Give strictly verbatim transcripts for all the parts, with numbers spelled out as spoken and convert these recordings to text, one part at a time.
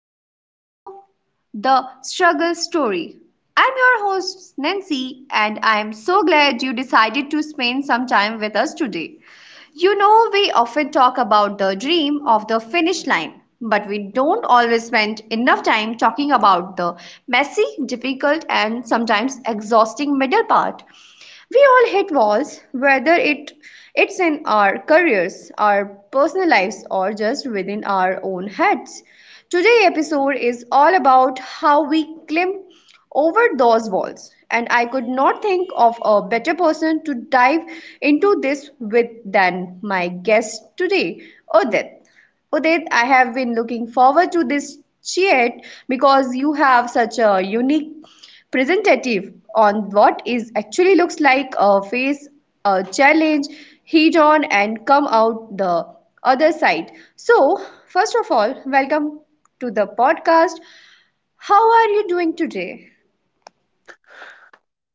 back to the show, The Struggle Story. I'm your host, Nancy, and I'm so glad you decided to spend some time with us today. You know, we often talk about the dream of the finish line, but we don't always spend enough time talking about the messy, difficult, and sometimes exhausting middle part. We all hit walls, whether it it's in our careers, our personal lives, or just within our own heads. Today's episode is all about how we climb over those walls, and I could not think of a better person to dive into this with than my guest today, Udit. Udit, I have been looking forward to this chat because you have such a unique presentative on what is actually looks like a face, a challenge, head on and come out the other side. So, first of all, welcome to the podcast. How are you doing today?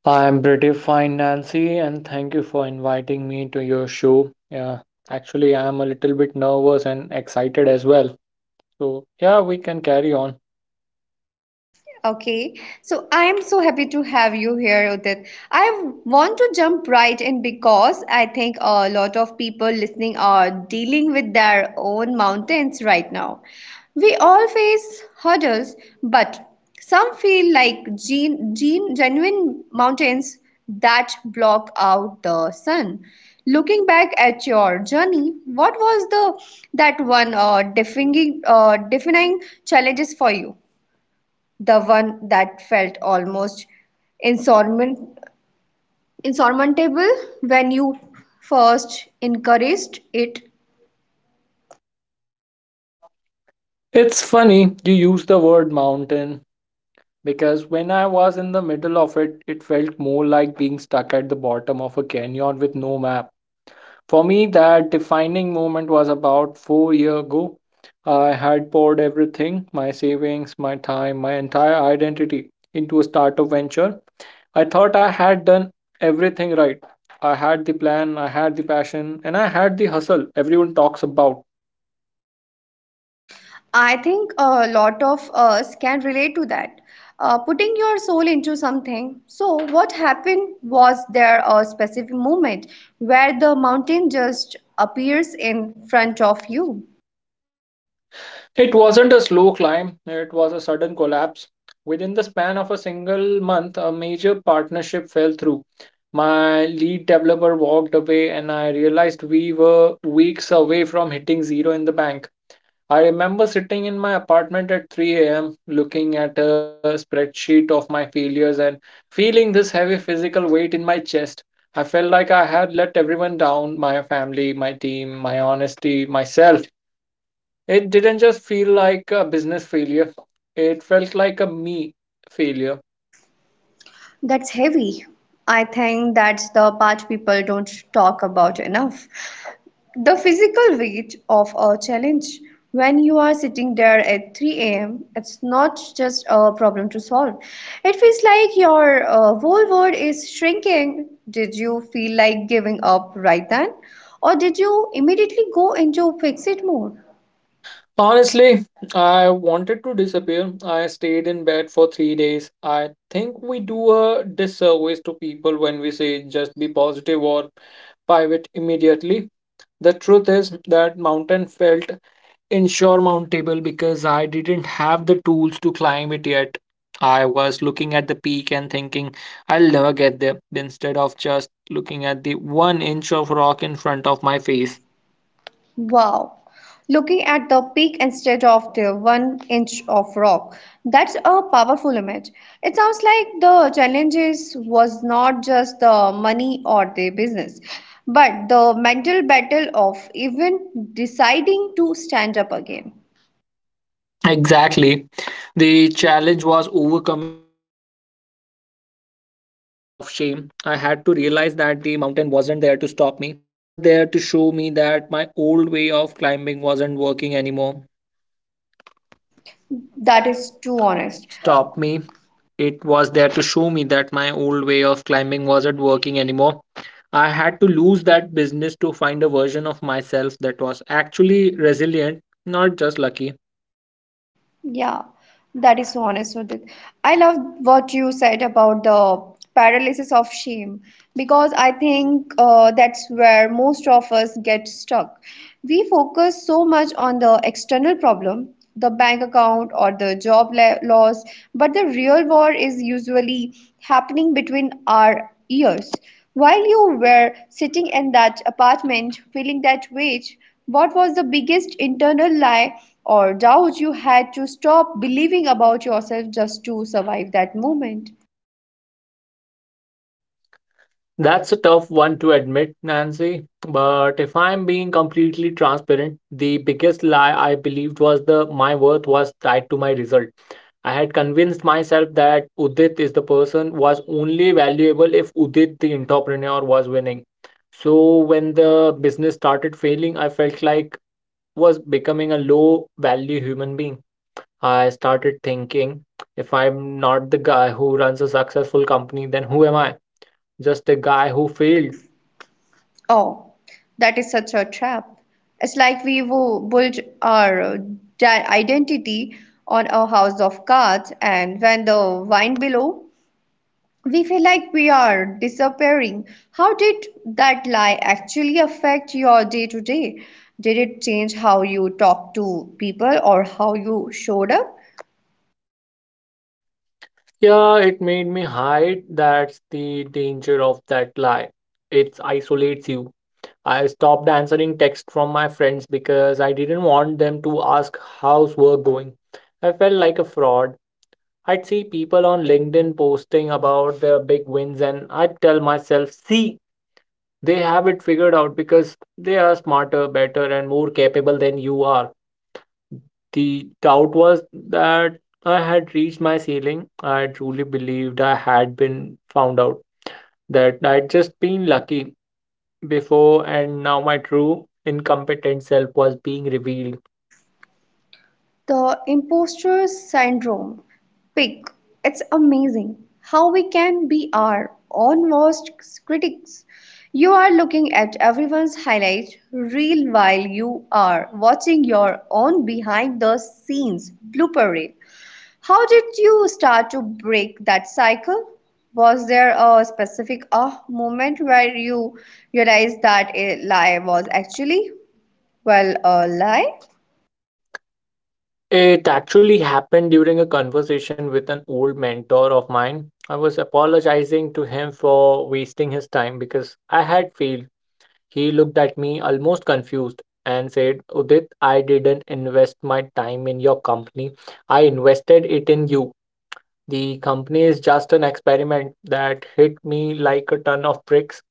I'm pretty fine, Nancy, and thank you for inviting me to your show. Yeah, actually, I'm a little bit nervous and excited as well. So, yeah, we can carry on. Okay, so I am so happy to have you here, Udit. I want to jump right in because I think a lot of people listening are dealing with their own mountains right now. We all face hurdles, but some feel like gen- gen- genuine mountains that block out the sun. Looking back at your journey, what was the that one uh, defining uh, defining challenges for you? The one that felt almost insurmount- insurmountable when you first encouraged it. It's funny you use the word mountain because when I was in the middle of it, it felt more like being stuck at the bottom of a canyon with no map. For me, that defining moment was about four years ago. I had poured everything my savings, my time, my entire identity into a startup venture. I thought I had done everything right. I had the plan, I had the passion, and I had the hustle everyone talks about. I think a lot of us can relate to that. Uh, putting your soul into something. So, what happened was there a specific moment where the mountain just appears in front of you? It wasn't a slow climb, it was a sudden collapse. Within the span of a single month, a major partnership fell through. My lead developer walked away, and I realized we were weeks away from hitting zero in the bank. I remember sitting in my apartment at three a m, looking at a spreadsheet of my failures and feeling this heavy physical weight in my chest. I felt like I had let everyone down my family, my team, my honesty, myself. It didn't just feel like a business failure, it felt like a me failure. That's heavy. I think that's the part people don't talk about enough. The physical weight of a challenge when you are sitting there at three a m. It's not just a problem to solve. It feels like your uh, whole world is shrinking. Did you feel like giving up right then? Or did you immediately go into fix it mode? Honestly, I wanted to disappear. I stayed in bed for three days. I think we do a disservice to people when we say just be positive or pivot immediately. The truth is that mountain felt Ensure mount table because I didn't have the tools to climb it yet. I was looking at the peak and thinking, I'll never get there, instead of just looking at the one inch of rock in front of my face. Wow. Looking at the peak instead of the one inch of rock. That's a powerful image. It sounds like the challenges was not just the money or the business, but the mental battle of even deciding to stand up again. Exactly. The challenge was overcoming the paralysis of shame. I had to realize that the mountain wasn't there to stop me, it was there to show me that my old way of climbing wasn't working anymore. That is too honest. Stop me. It was there to show me that my old way of climbing wasn't working anymore. I had to lose that business to find a version of myself that was actually resilient, not just lucky. Yeah, that is so honest, Udit. I love what you said about the paralysis of shame because I think uh, that's where most of us get stuck. We focus so much on the external problem, the bank account or the job la- loss, but the real war is usually happening between our ears. While you were sitting in that apartment feeling that weight, what was the biggest internal lie? Or doubt you had to stop believing about yourself just to survive that moment. That's a tough one to admit, Nancy. But if I'm being completely transparent, the biggest lie I believed was the my worth was tied to my result. I had convinced myself that Udit is the person was only valuable if Udit the entrepreneur was winning. So when the business started failing, I felt like was becoming a low value human being. I started thinking, if I'm not the guy who runs a successful company, then who am I? Just a guy who failed. Oh, that is such a trap. It's like we wo- built our uh, di- identity on a house of cards, and when the wine below, we feel like we are disappearing. How did that lie actually affect your day to day? Did it change how you talked to people or how you showed up? Yeah, it made me hide. That's the danger of that lie. It isolates you. I stopped answering texts from my friends because I didn't want them to ask how's work going. I felt like a fraud. I'd see people on LinkedIn posting about their big wins and I'd tell myself, see, they have it figured out because they are smarter, better, and more capable than you are. The doubt was that I had reached my ceiling. I truly believed I had been found out, that I'd just been lucky before, and now my true incompetent self was being revealed. The imposter syndrome. Pick. It's amazing how we can be our own worst critics. You are looking at everyone's highlight reel while you are watching your own behind the scenes blooper reel. How did you start to break that cycle? Was there a specific ah moment where you realized that a lie was actually, well, a lie? It actually happened during a conversation with an old mentor of mine. I was apologizing to him for wasting his time because I had failed. He looked at me almost confused and said, Udit, I didn't invest my time in your company. I invested it in you. The company is just an experiment. That hit me like a ton of bricks.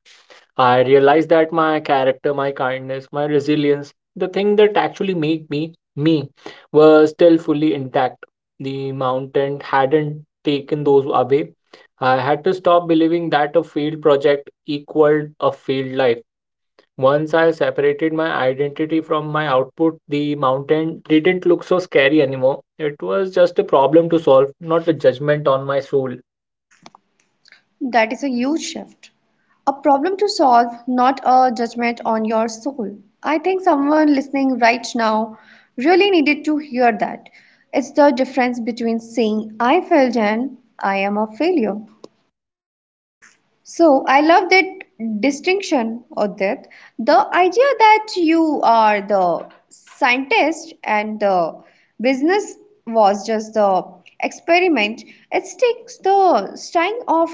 I realized that my character, my kindness, my resilience, the thing that actually made me me, were still fully intact. The mountain hadn't taken those away. I had to stop believing that a field project equaled a field life. Once I separated my identity from my output, the mountain didn't look so scary anymore. It was just a problem to solve, not a judgment on my soul. That is a huge shift. A problem to solve, not a judgment on your soul. I think someone listening right now really needed to hear that. It's the difference between saying I failed and I am a failure. So I love that distinction, Odit. The idea that you are the scientist and the business was just the experiment. It takes the sting of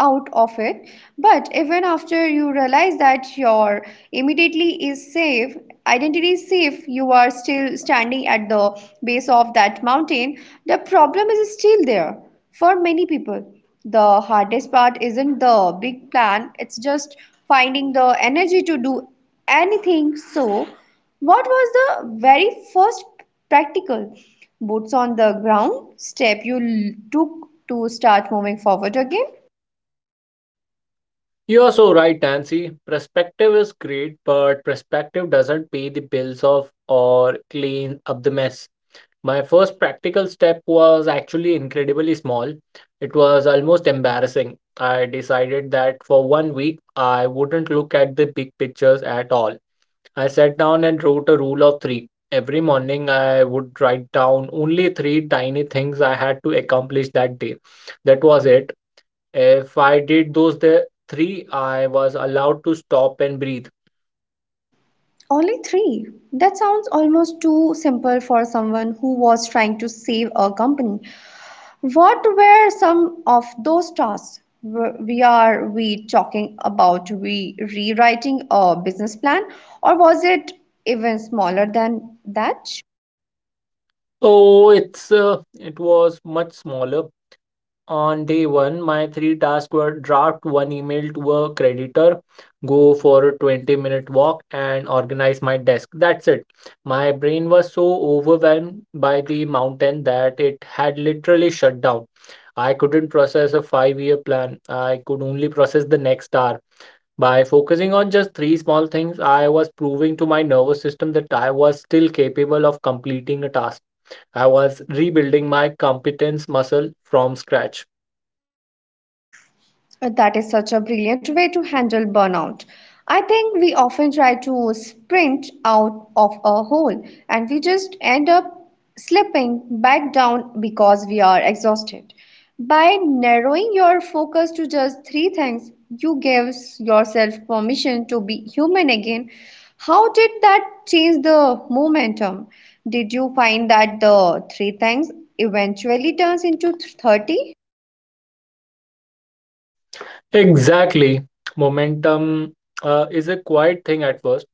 out of it, but even after you realize that your immediately is safe identity is safe, you are still standing at the base of that mountain. The problem is still there. For many people, the hardest part isn't the big plan, it's just finding the energy to do anything. So what was the very first practical boots on the ground step you l- took to start moving forward again? You are so right, Nancy. Perspective is great, but perspective doesn't pay the bills of or clean up the mess. My first practical step was actually incredibly small. It was almost embarrassing. I decided that for one week I wouldn't look at the big pictures at all. I sat down and wrote a rule of three. Every morning, I would write down only three tiny things I had to accomplish that day. That was it. If I did those the three, I was allowed to stop and breathe. Only three? That sounds almost too simple for someone who was trying to save a company. What were some of those tasks? Were- We are we talking about we rewriting a business plan, or was it even smaller than that? Oh, it's uh, it was much smaller. On day one, my three tasks were draft one email to a creditor, go for a twenty minute walk, and organize my desk. That's it. My brain was so overwhelmed by the mountain that it had literally shut down. I couldn't process a five year plan. I could only process the next hour. By focusing on just three small things, I was proving to my nervous system that I was still capable of completing a task. I was rebuilding my competence muscle from scratch. Uh, That is such a brilliant way to handle burnout. I think we often try to sprint out of a hole and we just end up slipping back down because we are exhausted. By narrowing your focus to just three things, you give yourself permission to be human again. How did that change the momentum? Did you find that the three things eventually turns into thirty? Exactly. Momentum uh, is a quiet thing at first.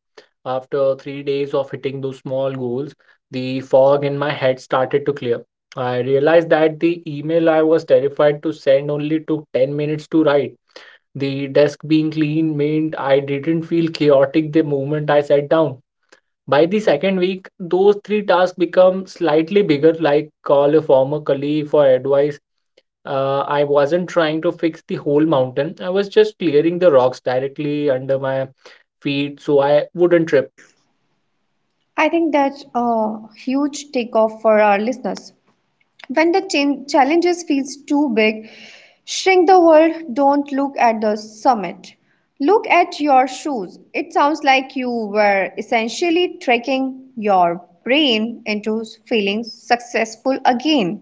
After three days of hitting those small goals, the fog in my head started to clear. I realized that the email I was terrified to send only took ten minutes to write. The desk being clean meant I didn't feel chaotic the moment I sat down. By the second week, those three tasks become slightly bigger, like call a former colleague for advice uh, I wasn't trying to fix the whole mountain. I was just clearing the rocks directly under my feet so I wouldn't trip. I think that's a huge takeoff for our listeners. When the chan- challenges feels too big, shrink the world, don't look at the summit. Look at your shoes. It sounds like you were essentially tricking your brain into feeling successful again.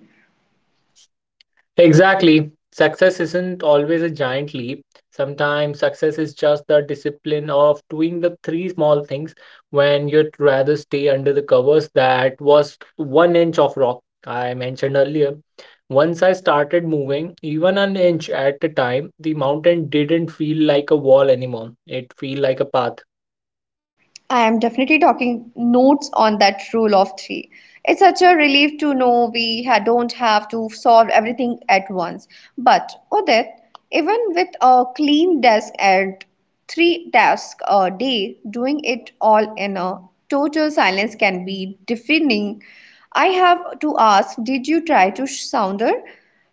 Exactly. Success isn't always a giant leap. Sometimes success is just the discipline of doing the three small things when you'd rather stay under the covers. That was one inch of rock I mentioned earlier. Once I started moving, even an inch at a time, the mountain didn't feel like a wall anymore. It felt like a path. I am definitely talking notes on that rule of three. It's such a relief to know we ha- don't have to solve everything at once. But, Odette, even with a clean desk and three tasks a day, doing it all in a total silence can be deafening. I have to ask, did you try to sounder?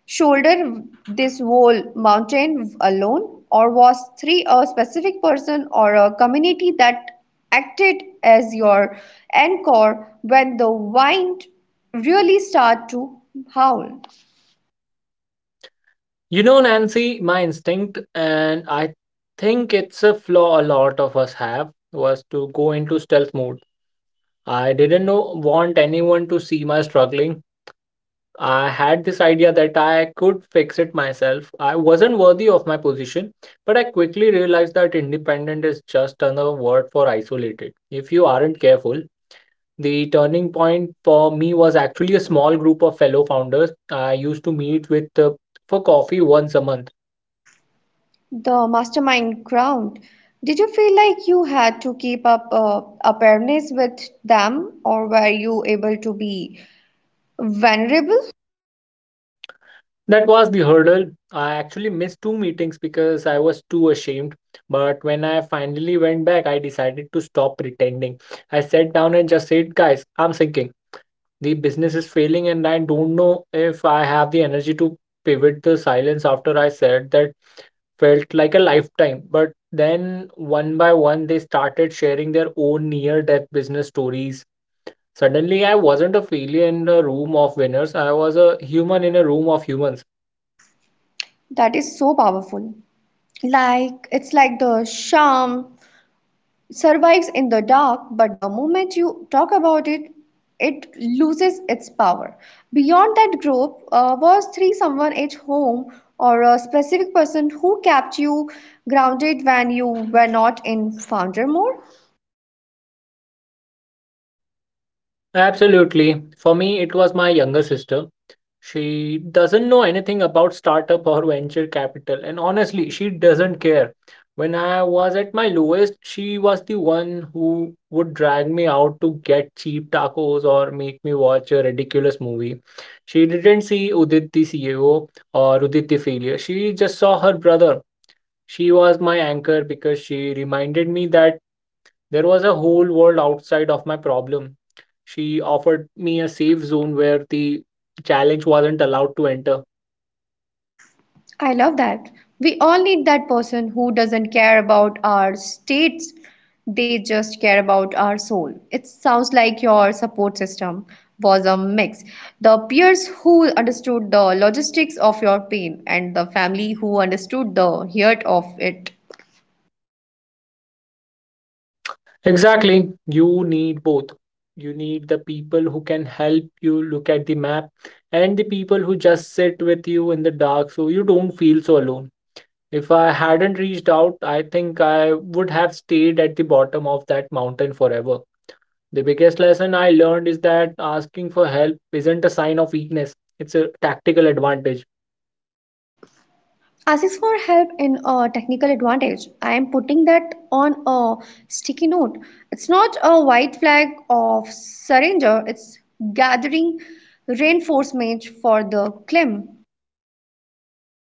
Shoulder this whole mountain alone, or was three a specific person or a community that acted as your anchor when the wind really start to howl? You know, Nancy, my instinct, and I think it's a flaw a lot of us have, was to go into stealth mode. I didn't know, want anyone to see my struggling. I had this idea that I could fix it myself. I wasn't worthy of my position, but I quickly realized that independent is just another word for isolated. If you aren't careful, the turning point for me was actually a small group of fellow founders I used to meet with uh, for coffee once a month. The mastermind ground. Did you feel like you had to keep up uh, appearance with them, or were you able to be vulnerable? That was the hurdle. I actually missed two meetings because I was too ashamed. But when I finally went back, I decided to stop pretending. I sat down and just said, guys, I'm thinking the business is failing, and I don't know if I have the energy to pivot. The silence after I said that felt like a lifetime. But then one by one, they started sharing their own near death business stories. Suddenly, I wasn't a failure in a room of winners, I was a human in a room of humans. That is so powerful. Like it's like the charm survives in the dark, but the moment you talk about it, it loses its power. Beyond that group, uh, was three someone at home or a specific person who kept you grounded when you were not in founder mode? Absolutely. For me, it was my younger sister. She doesn't know anything about startup or venture capital, and honestly, she doesn't care. When I was at my lowest, she was the one who would drag me out to get cheap tacos or make me watch a ridiculous movie. She didn't see Udit the C E O or Udit the failure. She just saw her brother. She was my anchor because she reminded me that there was a whole world outside of my problem. She offered me a safe zone where the challenge wasn't allowed to enter. I love that. We all need that person who doesn't care about our states, they just care about our soul. It sounds like your support system was a mix. The peers who understood the logistics of your pain, and the family who understood the heart of it. Exactly. You need both. You need the people who can help you look at the map and the people who just sit with you in the dark so you don't feel so alone. If I hadn't reached out, I think I would have stayed at the bottom of that mountain forever. The biggest lesson I learned is that asking for help isn't a sign of weakness, it's a tactical advantage. Asks for help in a technical advantage. I am putting that on a sticky note. It's not a white flag of surrender, it's gathering reinforcement for the claim.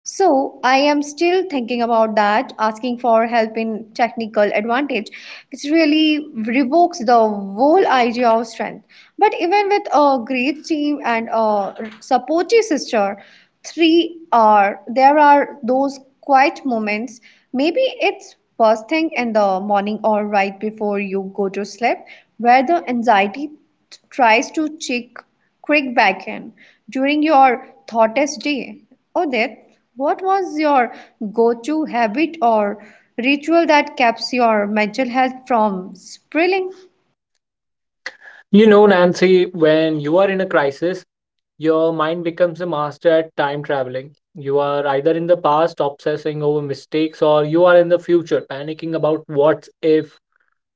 So I am still thinking about that, asking for help in technical advantage, which really revokes the whole idea of strength. But even with a great team and a supportive sister, three are there are those quiet moments. Maybe it's first thing in the morning or right before you go to sleep, where the anxiety tries to check Quick back in. During your thoughtest day, Odette. What was your go to habit or ritual that keeps your mental health from spiraling? You know, Nancy, when you are in a crisis, your mind becomes a master at time traveling. You are either in the past obsessing over mistakes or you are in the future panicking about what if.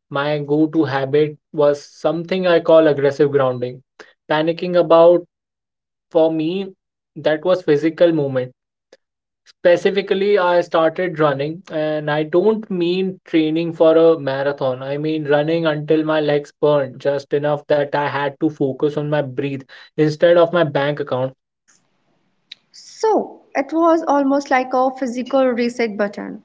My go to habit was something I call aggressive grounding. Panicking about, for me, that was physical movement. Specifically, I started running, and I don't mean training for a marathon. I mean running until my legs burned, just enough that I had to focus on my breath instead of my bank account. So it was almost like a physical reset button.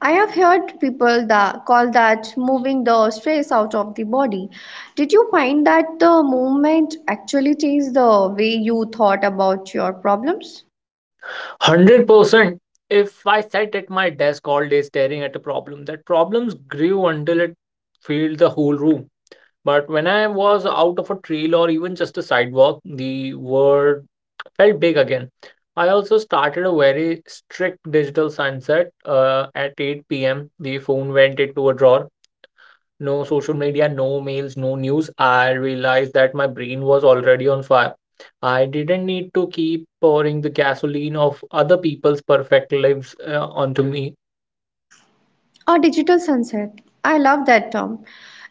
I have heard people that call that moving the stress out of the body. Did you find that the movement actually changed the way you thought about your problems? one hundred percent. If I sat at my desk all day staring at a problem, that problems grew until it filled the whole room. But when I was out of a trail or even just a sidewalk, the word felt big again. I also started a very strict digital sunset uh, at eight p m. The phone went into a drawer. No social media, no mails, no news. I realized that my brain was already on fire. I didn't need to keep pouring the gasoline of other people's perfect lives uh, onto me. Or digital sunset. I love that term.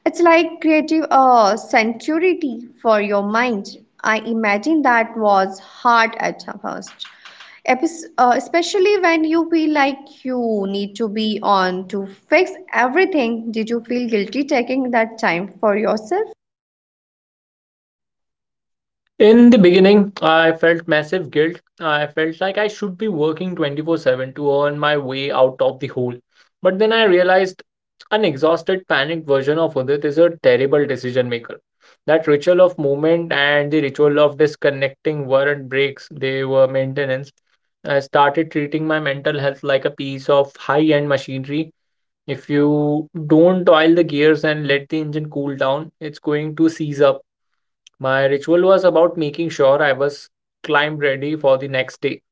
It's like creative uh, sanctuary for your mind. I imagine that was hard at first, Epis- uh, especially when you feel like you need to be on to fix everything. Did you feel guilty taking that time for yourself? In the beginning, I felt massive guilt. I felt like I should be working twenty-four seven to earn my way out of the hole. But then I realized an exhausted, panicked version of Udit is a terrible decision maker. That ritual of movement and the ritual of disconnecting weren't breaks, they were maintenance. I started treating my mental health like a piece of high-end machinery. If you don't oil the gears and let the engine cool down, it's going to seize up. My ritual was about making sure I was climb ready for the next day.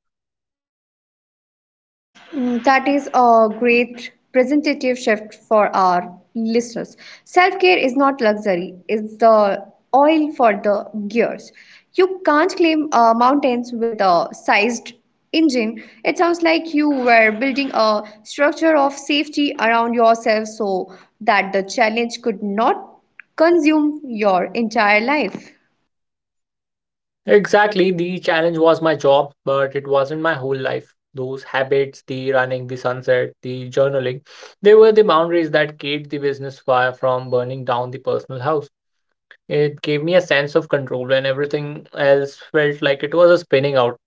Mm, that is a great presentative shift for our listeners. Self care is not luxury, it's the oil for the gears. You can't climb uh, mountains with a sized engine. It sounds like you were building a structure of safety around yourself so that the challenge could not consume your entire life. Exactly, the challenge was my job, but it wasn't my whole life. Those habits, the running, the sunset, the journaling, they were the boundaries that kept the business fire from burning down the personal house. It gave me a sense of control when everything else felt like it was a spinning out.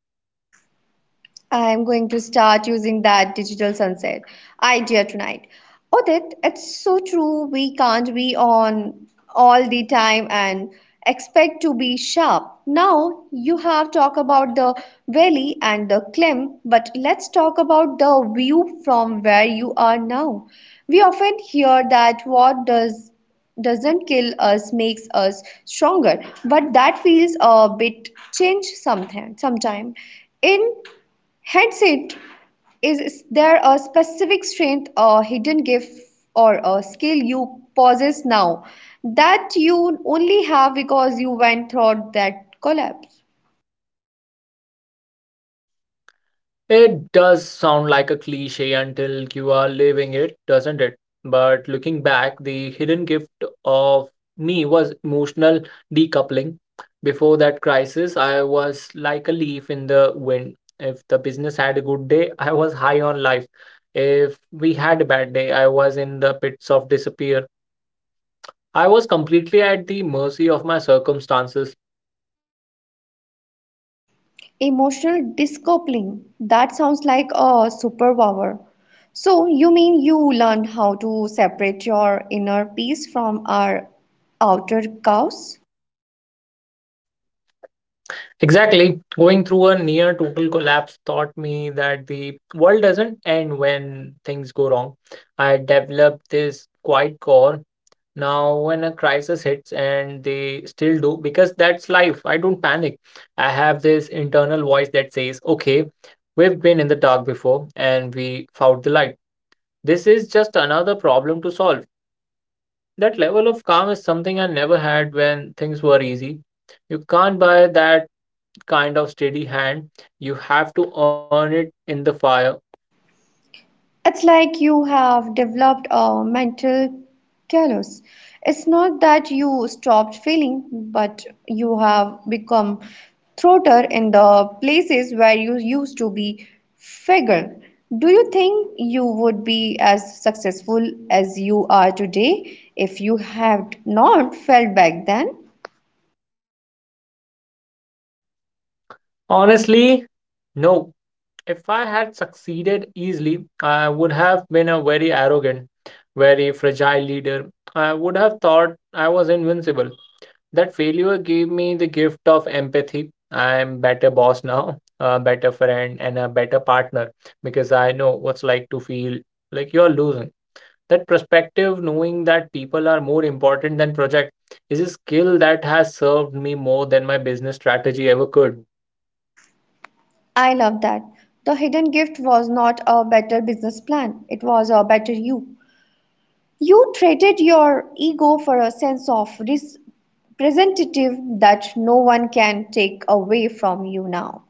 I'm going to start using that digital sunset idea tonight. Odit, it's so true. We can't be on all the time and expect to be sharp. Now, you have talked about the valley and the climb, but let's talk about the view from where you are now. We often hear that what does doesn't kill us makes us stronger, but that feels a bit change sometime. Sometime in Headset. Is there a specific strength or hidden gift or a skill you possess now that you only have because you went through that collapse? It does sound like a cliche until you are living it, doesn't it? But looking back, the hidden gift of me was emotional decoupling. Before that crisis, I was like a leaf in the wind. If the business had a good day, I was high on life. If we had a bad day, I was in the pits of disappear. I was completely at the mercy of my circumstances. Emotional discoupling. That sounds like a superpower. So, you mean you learned how to separate your inner peace from our outer chaos? Exactly. Going through a near total collapse taught me that the world doesn't end when things go wrong. I developed this quiet core. Now, when a crisis hits, and they still do, because that's life, I don't panic. I have this internal voice that says, okay, we've been in the dark before and we found the light. This is just another problem to solve. That level of calm is something I never had when things were easy. You can't buy that kind of steady hand. You have to earn it in the fire. It's like you have developed a mental callus. It's not that you stopped feeling, but you have become throater in the places where you used to be figure. Do you think you would be as successful as you are today if you had not felt back then? Honestly, no. If I had succeeded easily, I would have been a very arrogant, very fragile leader. I would have thought I was invincible. That failure gave me the gift of empathy. I'm better boss now, a better friend, and a better partner because I know what's like to feel like you're losing. That perspective, knowing that people are more important than project, is a skill that has served me more than my business strategy ever could. I love that. The hidden gift was not a better business plan, it was a better you. You traded your ego for a sense of representative that no one can take away from you now.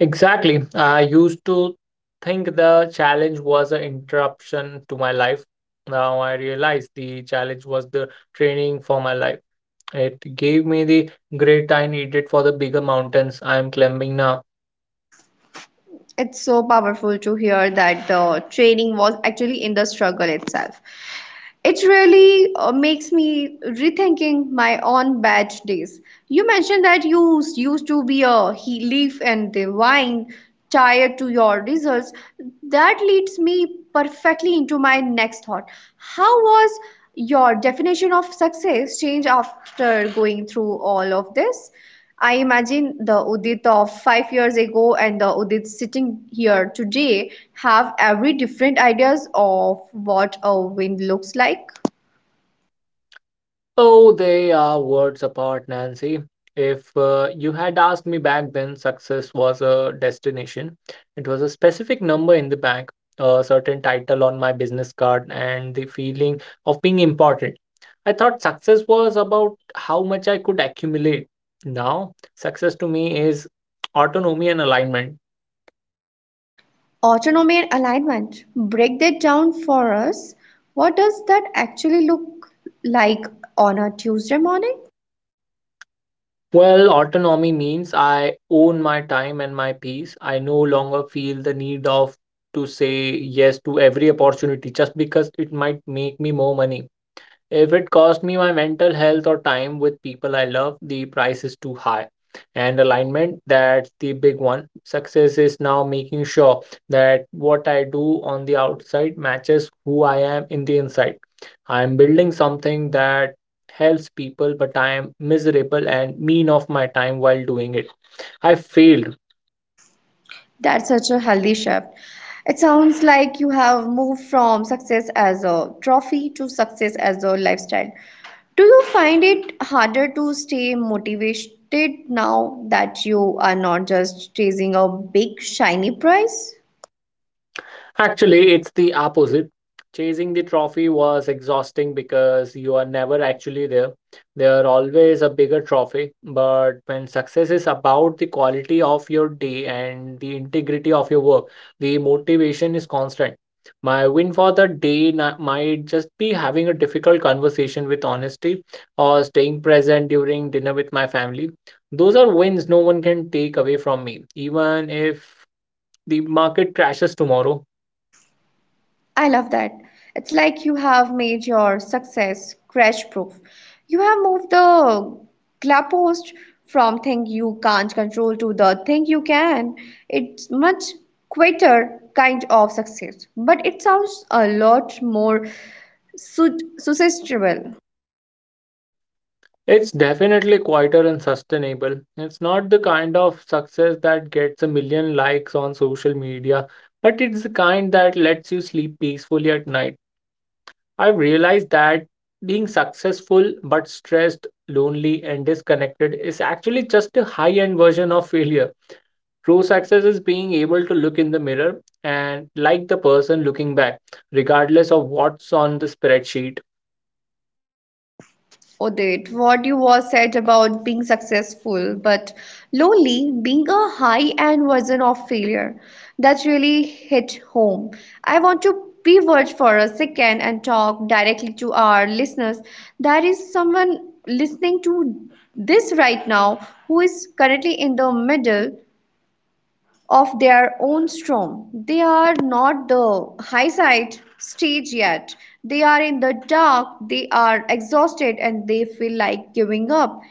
Exactly. I used to think the challenge was an interruption to my life. Now I realize the challenge was the training for my life. It gave me the grit I needed for the bigger mountains I am climbing now. It's so powerful to hear that the training was actually in the struggle itself. It really uh, makes me rethinking my own batch days. You mentioned that you s- used to be a he- leaf and divine tied to your results. That leads me perfectly into my next thought. How was your definition of success change after going through all of this? I imagine the Udit of five years ago and the Udit sitting here today have every different ideas of what a win looks like. Oh, they are words apart, Nancy. If uh, you had asked me back then, success was a destination. It was a specific number in the bank, a certain title on my business card, and the feeling of being important. I thought success was about how much I could accumulate. Now, success to me is autonomy and alignment. Autonomy and alignment. Break that down for us. What does that actually look like on a Tuesday morning? Well, autonomy means I own my time and my peace. I no longer feel the need of to say yes to every opportunity just because it might make me more money. If it costs me my mental health or time with people I love, the price is too high. And alignment, that's the big one. Success is now making sure that what I do on the outside matches who I am in the inside. I am building something that helps people, but I am miserable and mean of my time while doing it. I failed. That's such a healthy shift. It sounds like you have moved from success as a trophy to success as a lifestyle. Do you find it harder to stay motivated now that you are not just chasing a big shiny prize? Actually, it's the opposite. Chasing the trophy was exhausting because you are never actually there. There are always a bigger trophy. But when success is about the quality of your day and the integrity of your work, the motivation is constant. My win for the day na- might just be having a difficult conversation with honesty or staying present during dinner with my family. Those are wins no one can take away from me, even if the market crashes tomorrow. I love that. It's like you have made your success crash proof. You have moved the goalpost from thing you can't control to the thing you can. It's much quieter kind of success, but it sounds a lot more su- sustainable. It's definitely quieter and sustainable. It's not the kind of success that gets a million likes on social media, but it's the kind that lets you sleep peacefully at night. I've realized that being successful but stressed, lonely, and disconnected is actually just a high end version of failure. True success is being able to look in the mirror and like the person looking back, regardless of what's on the spreadsheet. Udit, what you was said about being successful but lonely, being a high-end version of failure, that really hit home. I want to pivot for a second and talk directly to our listeners. There is someone listening to this right now who is currently in the middle of their own storm. They are not the high side stage yet. They are in the dark, they are exhausted, and they feel like giving up.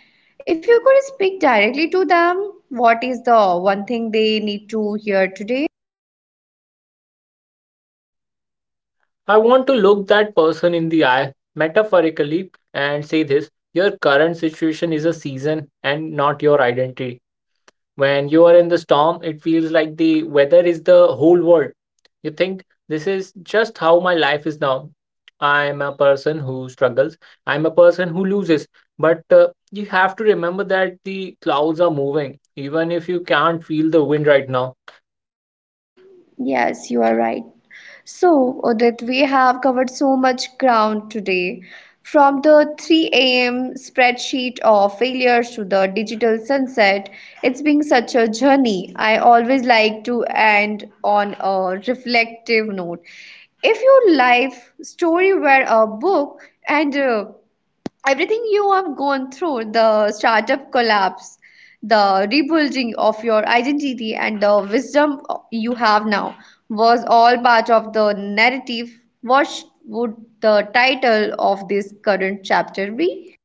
If you could speak directly to them, what is the one thing they need to hear today? I want to look that person in the eye, metaphorically, and say this your current situation is a season and not your identity. When you are in the storm, it feels like the weather is the whole world. You think this is just how my life is now. I'm a person who struggles, I'm a person who loses. But uh, you have to remember that the clouds are moving, even if you can't feel the wind right now. Yes, you are right. So, Udit, we have covered so much ground today. From the three a m spreadsheet of failures to the digital sunset, it's been such a journey. I always like to end on a reflective note. If your life story were a book and uh, everything you have gone through, the startup collapse, the rebuilding of your identity, and the wisdom you have now was all part of the narrative, what sh- would the title of this current chapter be?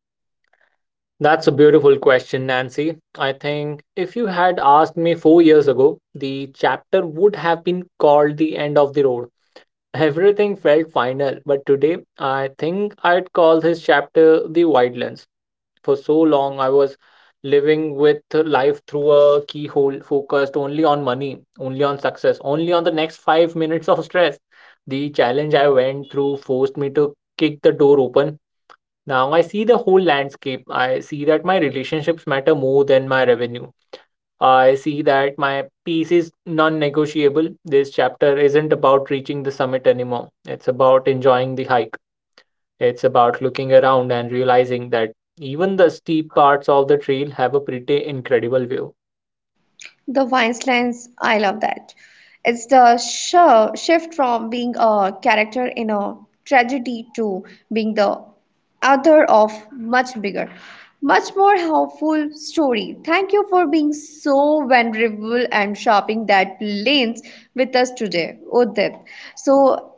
That's a beautiful question, Nancy. I think if you had asked me four years ago, the chapter would have been called The End of the Road. Everything felt final, but today I think I'd call this chapter The Wildlands. For so long, I was living with life through a keyhole, focused only on money, only on success, only on the next five minutes of stress. The challenge I went through forced me to kick the door open. Now I see the whole landscape. I see that my relationships matter more than my revenue. I see that my peace is non negotiable. This chapter isn't about reaching the summit anymore. It's about enjoying the hike. It's about looking around and realizing that even the steep parts of the trail have a pretty incredible view. The Vinelands, I love that. It's the sh- shift from being a character in a tragedy to being the author of much bigger, much more helpful story. Thank you for being so vulnerable and shopping that lanes with us today, Udit. So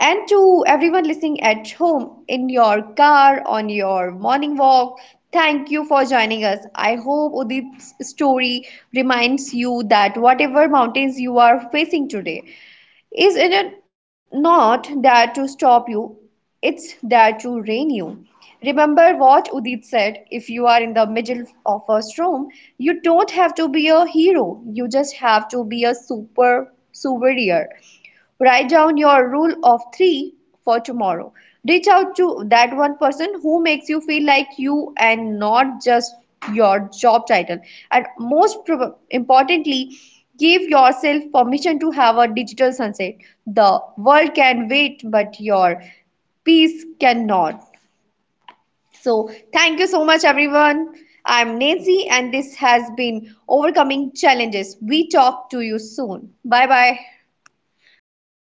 and to everyone listening at home, in your car, on your morning walk, thank you for joining us. I hope Udit's story reminds you that whatever mountains you are facing today is in a, not there to stop you, it's there to rein you. Remember what Udit said, if you are in the middle of a storm, you don't have to be a hero, you just have to be a super souvenir. Write down your rule of three for tomorrow. Reach out to that one person who makes you feel like you and not just your job title. And most importantly, give yourself permission to have a digital sunset. The world can wait, but your peace cannot. So, thank you so much, everyone. I'm Nancy, and this has been Overcoming Challenges. We talk to you soon. Bye bye. Wow.